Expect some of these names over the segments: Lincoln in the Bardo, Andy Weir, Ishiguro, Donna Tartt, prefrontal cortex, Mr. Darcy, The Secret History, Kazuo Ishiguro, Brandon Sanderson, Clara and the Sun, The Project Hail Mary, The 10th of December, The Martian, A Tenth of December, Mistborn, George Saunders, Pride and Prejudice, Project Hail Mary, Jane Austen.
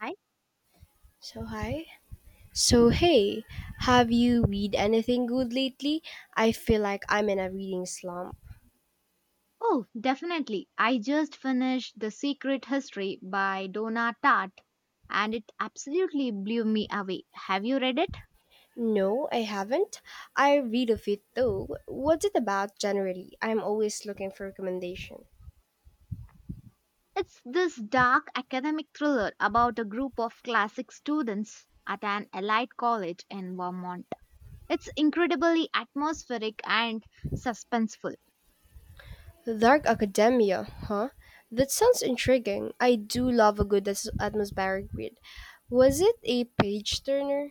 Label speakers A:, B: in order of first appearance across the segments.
A: Hi.
B: So hi. So hey, have you read anything good lately? I feel like I'm in a reading slump.
A: Oh, definitely. I just finished The Secret History by Donna Tartt and it absolutely blew me away. Have you read it?
B: No, I haven't. I read of it though. What's it about generally? I'm always looking for recommendation.
A: It's this dark academic thriller about a group of classic students at an elite college in Vermont. It's incredibly atmospheric and suspenseful.
B: Dark Academia, huh? That sounds intriguing. I do love a good atmospheric read. Was it a page turner?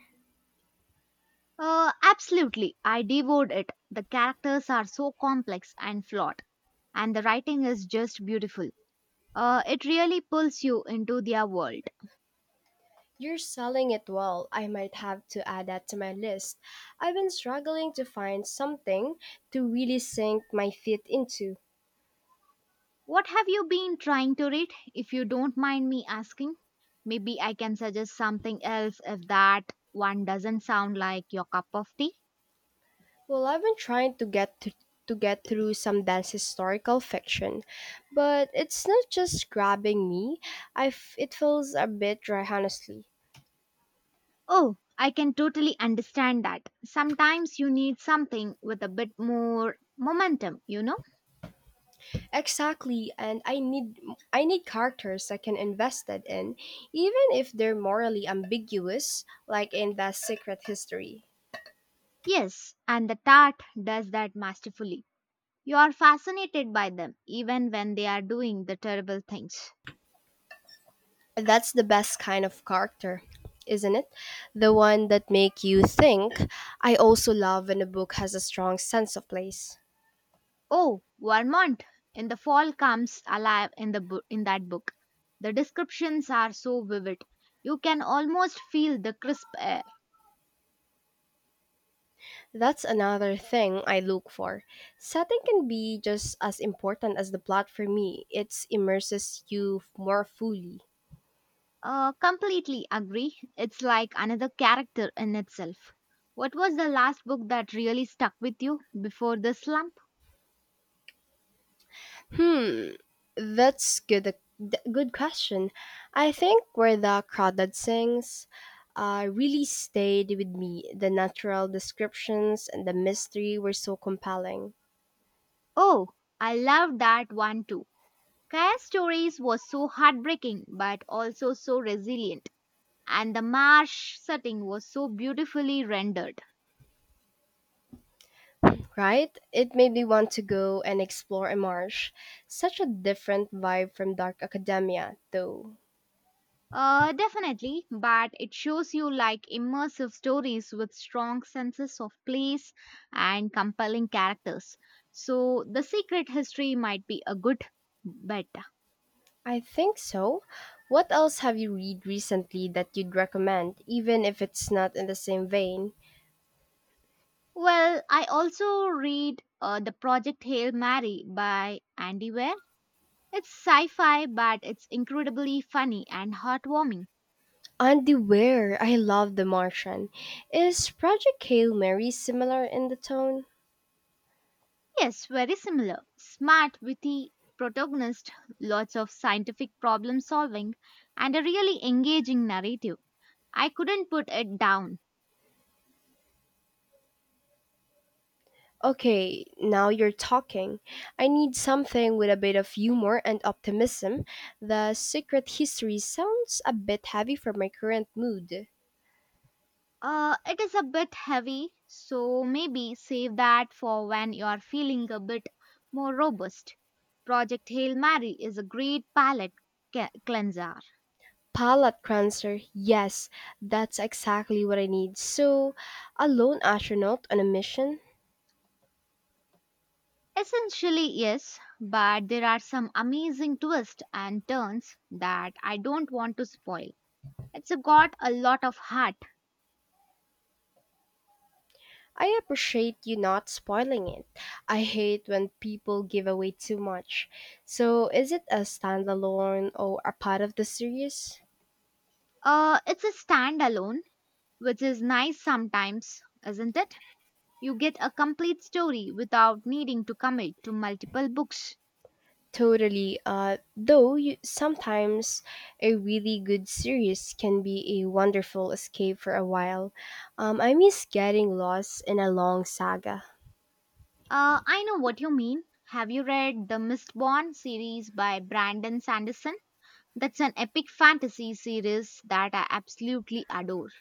A: Absolutely. I devoured it. The characters are so complex and flawed, and the writing is just beautiful. It really pulls you into their world.
B: You're selling it well. I might have to add that to my list. I've been struggling to find something to really sink my teeth into.
A: What have you been trying to read, if you don't mind me asking? Maybe I can suggest something else if that one doesn't sound like your cup of tea.
B: Well, I've been trying to get through some dance historical fiction, but it's not just grabbing me. It feels a bit dry, honestly.
A: Oh, I can totally understand that. Sometimes you need something with a bit more momentum, you know?
B: Exactly, and I need characters I can invest it in, even if they're morally ambiguous, like in the Secret History.
A: Yes, and the tart does that masterfully. You are fascinated by them even when they are doing the terrible things.
B: That's the best kind of character, isn't it? The one that make you think. I also love when a book has a strong sense of place.
A: Oh, Vermont in the fall comes alive in that book. The descriptions are so vivid. You can almost feel the crisp air.
B: That's another thing I look for. Setting can be just as important as the plot for me. It immerses you more fully.
A: Completely agree. It's like another character in itself. What was the last book that really stuck with you before the slump?
B: Hmm, that's good. th- Good question. I think where the crowd that sings really stayed with me. The natural descriptions and the mystery were so compelling.
A: Oh, I loved that one too. Kaya's stories was so heartbreaking but also so resilient. And the marsh setting was so beautifully rendered.
B: Right? It made me want to go and explore a marsh. Such a different vibe from dark academia, though.
A: Definitely, but it shows you like immersive stories with strong senses of place and compelling characters. So, The Secret History might be a good bet.
B: I think so. What else have you read recently that you'd recommend, even if it's not in the same vein?
A: Well, I also read The Project Hail Mary by Andy Weir. It's sci fi, but it's incredibly funny and heartwarming.
B: Andy Weir, I love The Martian. Is Project Hail Mary similar in the tone?
A: Yes, very similar. Smart, witty protagonist, lots of scientific problem solving, and a really engaging narrative. I couldn't put it down.
B: Okay, now you're talking. I need something with a bit of humor and optimism. The Secret History sounds a bit heavy for my current mood.
A: It is a bit heavy, so maybe save that for when you're feeling a bit more robust. Project Hail Mary is a great palate cleanser.
B: Palate cleanser, yes, that's exactly what I need. So, a lone astronaut on a mission?
A: Essentially, yes, but there are some amazing twists and turns that I don't want to spoil. It's got a lot of heart.
B: I appreciate you not spoiling it. I hate when people give away too much. So, is it a standalone or a part of the series?
A: It's a standalone, which is nice sometimes, isn't it? You get a complete story without needing to commit to multiple books.
B: Totally. Though you, sometimes a really good series can be a wonderful escape for a while. I miss getting lost in a long saga.
A: I know what you mean. Have you read the Mistborn series by Brandon Sanderson? That's an epic fantasy series that I absolutely adore.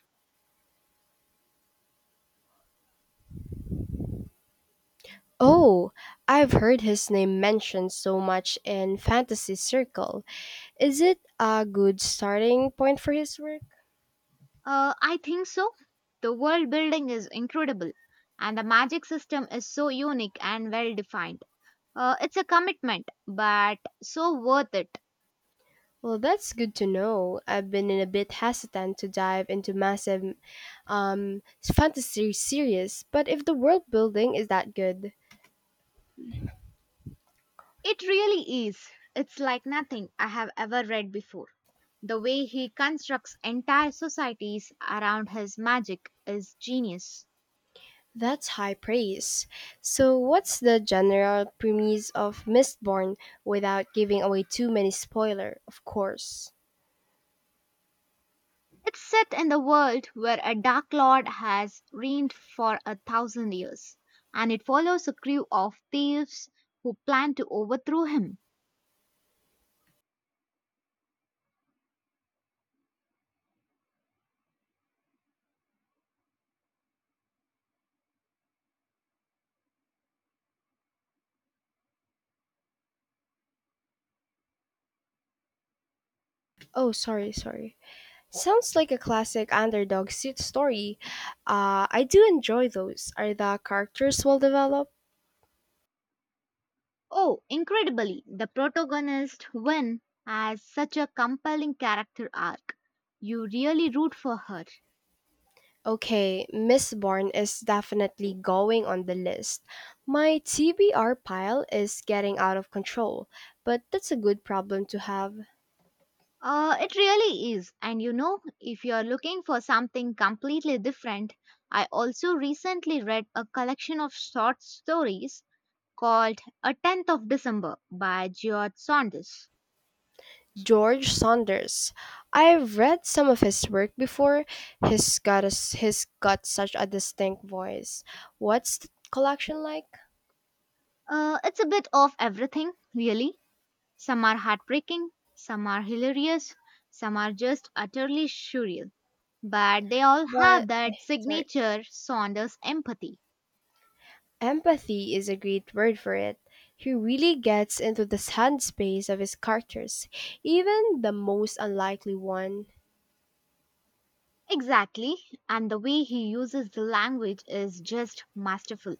B: Oh, I've heard his name mentioned so much in fantasy circle. Is it a good starting point for his work?
A: I think so. The world building is incredible, and the magic system is so unique and well defined. It's a commitment, but so worth it.
B: Well, that's good to know. I've been in a bit hesitant to dive into massive um, fantasy series, but if the world building is that good,
A: It really is. It's like nothing I have ever read before. The way he constructs entire societies around his magic is genius.
B: that's high praise. So, what's the general premise of Mistborn without giving away too many spoiler, of course?
A: It's set in the world where a Dark Lord has reigned for a thousand years, and it follows a crew of thieves who plan to overthrow him.
B: Oh, sorry. Sounds like a classic underdog suit story. I do enjoy those. Are the characters well developed?
A: Oh, incredibly, the protagonist, Wynne, has such a compelling character arc. You really root for her.
B: Okay, Miss Bourne is definitely going on the list. My TBR pile is getting out of control, but that's a good problem to have.
A: It really is. And you know, if you're looking for something completely different, I also recently read a collection of short stories called A Tenth of December by George Saunders.
B: George Saunders. I've read some of his work before. He's got such a distinct voice. What's the collection like?
A: It's a bit of everything, really. Some are heartbreaking, some are hilarious, some are just utterly surreal. But they all have
B: But eh,
A: that
B: sorry.
A: signature Saunders empathy.
B: Empathy is a great word for it. He really gets into the hand space of his characters, even the most unlikely one.
A: Exactly, and the way he uses the language is just masterful.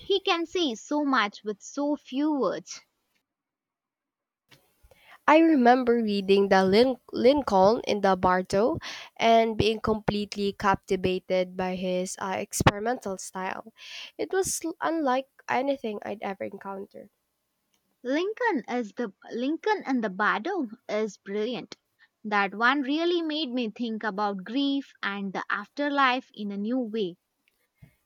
A: He can say so much with so few words.
B: I remember reading the Lincoln in the Bardo and being completely captivated by his experimental style. It was unlike anything I'd ever encountered.
A: Lincoln is the Lincoln and the Bardo is brilliant. That one really made me think about grief and the afterlife in a new way.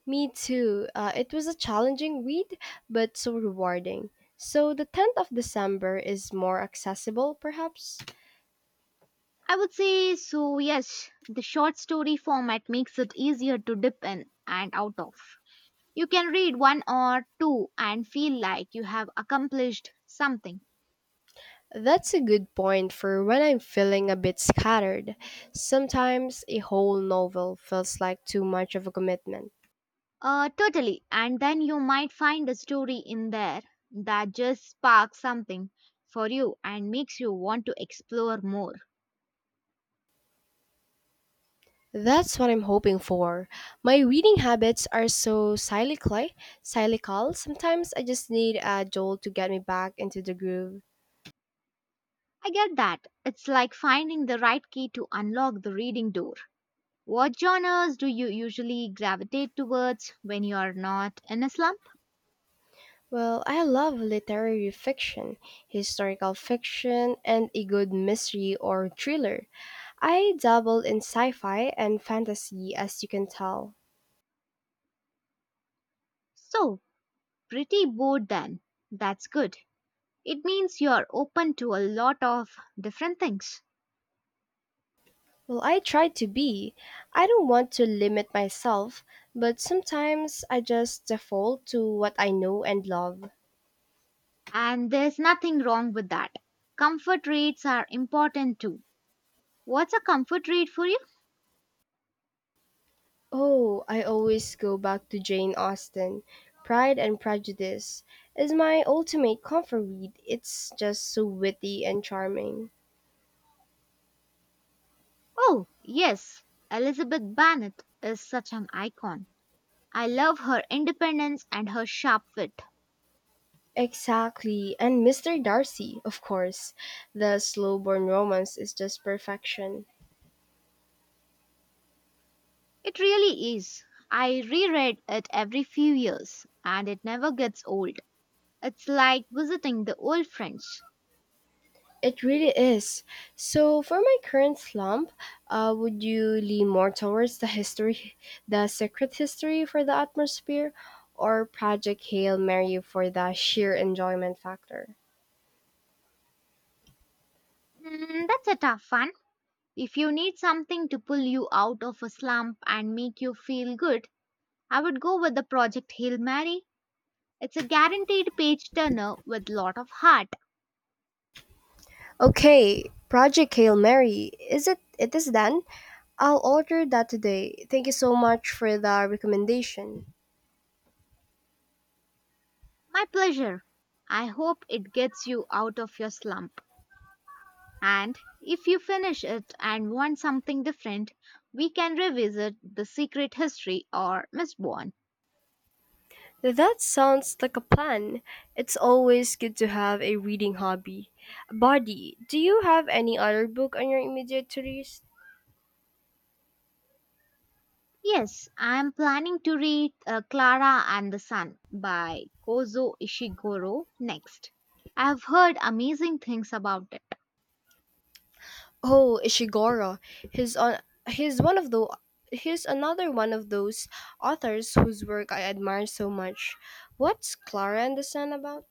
B: Me too. It was a challenging read, but so rewarding. So the 10th of December is more accessible, perhaps?
A: I would say so yes, the short story format makes it easier to dip in and out of. You can read one or two and feel like you have accomplished something.
B: That's a good point for when I'm feeling a bit scattered. Sometimes a whole novel feels like too much of a commitment.
A: Totally. And then you might find a story in there that just sparks something for you and makes you want to explore more.
B: That's what I'm hoping for. My reading habits are so cyclical. Sometimes I just need a jolt to get me back into the groove.
A: I get that. It's like finding the right key to unlock the reading door. What genres do you usually gravitate towards when you are not in a slump?
B: Well, I love literary fiction, historical fiction, and a good mystery or thriller. I dabble in sci-fi and fantasy as you can tell.
A: So, pretty bored then. That's good. It means you are open to a lot of different things.
B: Well, I try to be. I don't want to limit myself, but sometimes I just default to what I know and love.
A: And there's nothing wrong with that. Comfort rates are important too. What's a comfort read for you?
B: Oh, I always go back to Jane Austen. Pride and Prejudice is my ultimate comfort read. It's just so witty and charming.
A: Oh, yes, Elizabeth Bennet is such an icon. I love her independence and her sharp wit.
B: Exactly, and Mr. Darcy, of course. The slow burn romance is just perfection.
A: It really is. I reread it every few years and it never gets old. It's like visiting the old friends.
B: It really is. So, for my current slump, would you lean more towards the history, the secret history for the atmosphere, or Project Hail Mary for the sheer enjoyment factor?
A: Hmm, that's a tough one. If you need something to pull you out of a slump and make you feel good, I would go with the Project Hail Mary. It's a guaranteed page turner with lot of heart.
B: Okay, Project Hail Mary. Is it? It is done. I'll order that today. Thank you so much for the recommendation.
A: My pleasure. I hope it gets you out of your slump. And if you finish it and want something different, we can revisit The Secret History or Miss Born.
B: That sounds like a plan. It's always good to have a reading hobby. Buddy, do you have any other book on your immediate to read?
A: Yes, I am planning to read Clara and the Sun by Kozo Ishiguro next. I have heard amazing things about it.
B: Oh, Ishiguro. He's on. He's one of the. He's another one of those authors whose work I admire so much. What's Clara and the Sun about?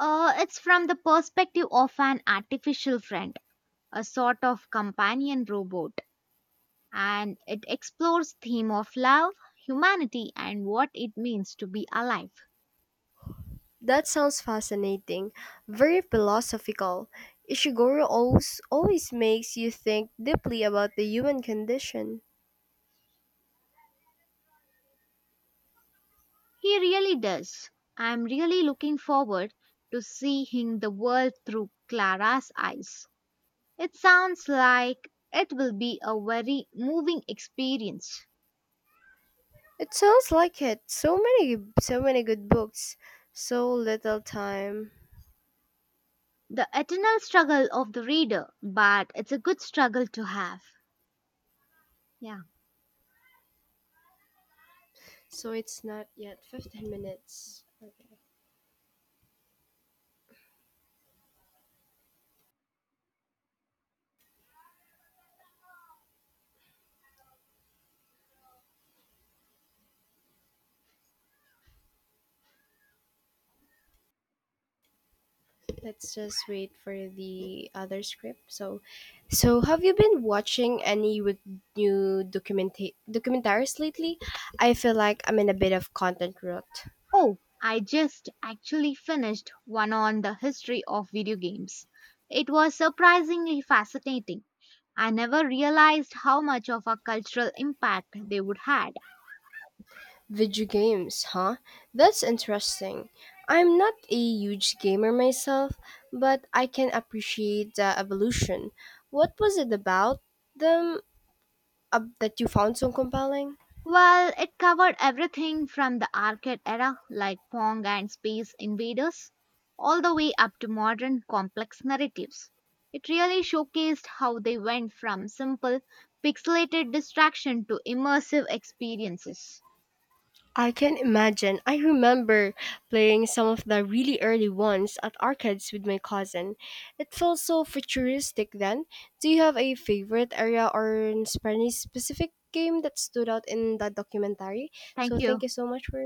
A: It's from the perspective of an artificial friend, a sort of companion robot and it explores theme of love, humanity and what it means to be alive.
B: That sounds fascinating. Very philosophical. Ishiguro always makes you think deeply about the human condition.
A: He really does. I am really looking forward to seeing the world through Clara's eyes. It sounds like it will be a very moving experience.
B: It sounds like it. So many good books. So little time.
A: The eternal struggle of the reader, but it's a good struggle to have. Yeah.
B: So it's not yet 15 minutes. Let's just wait for the other script. So, have you been watching any with new documentaries lately? I feel like I'm in a bit of content rut.
A: Oh, I just actually finished one on the history of video games. It was surprisingly fascinating. I never realized how much of a cultural impact they would had.
B: Video games, huh? That's interesting. I'm not a huge gamer myself, but I can appreciate the evolution. What was it about them that you found so compelling?
A: Well, it covered everything from the arcade era like Pong and Space Invaders all the way up to modern complex narratives. It really showcased how they went from simple pixelated distraction to immersive experiences.
B: I can imagine. I remember playing some of the really early ones at arcades with my cousin. It felt so futuristic then. Do you have a favorite area or any specific game that stood out in that documentary?
A: Thank
B: So thank
A: you.
B: you so much for your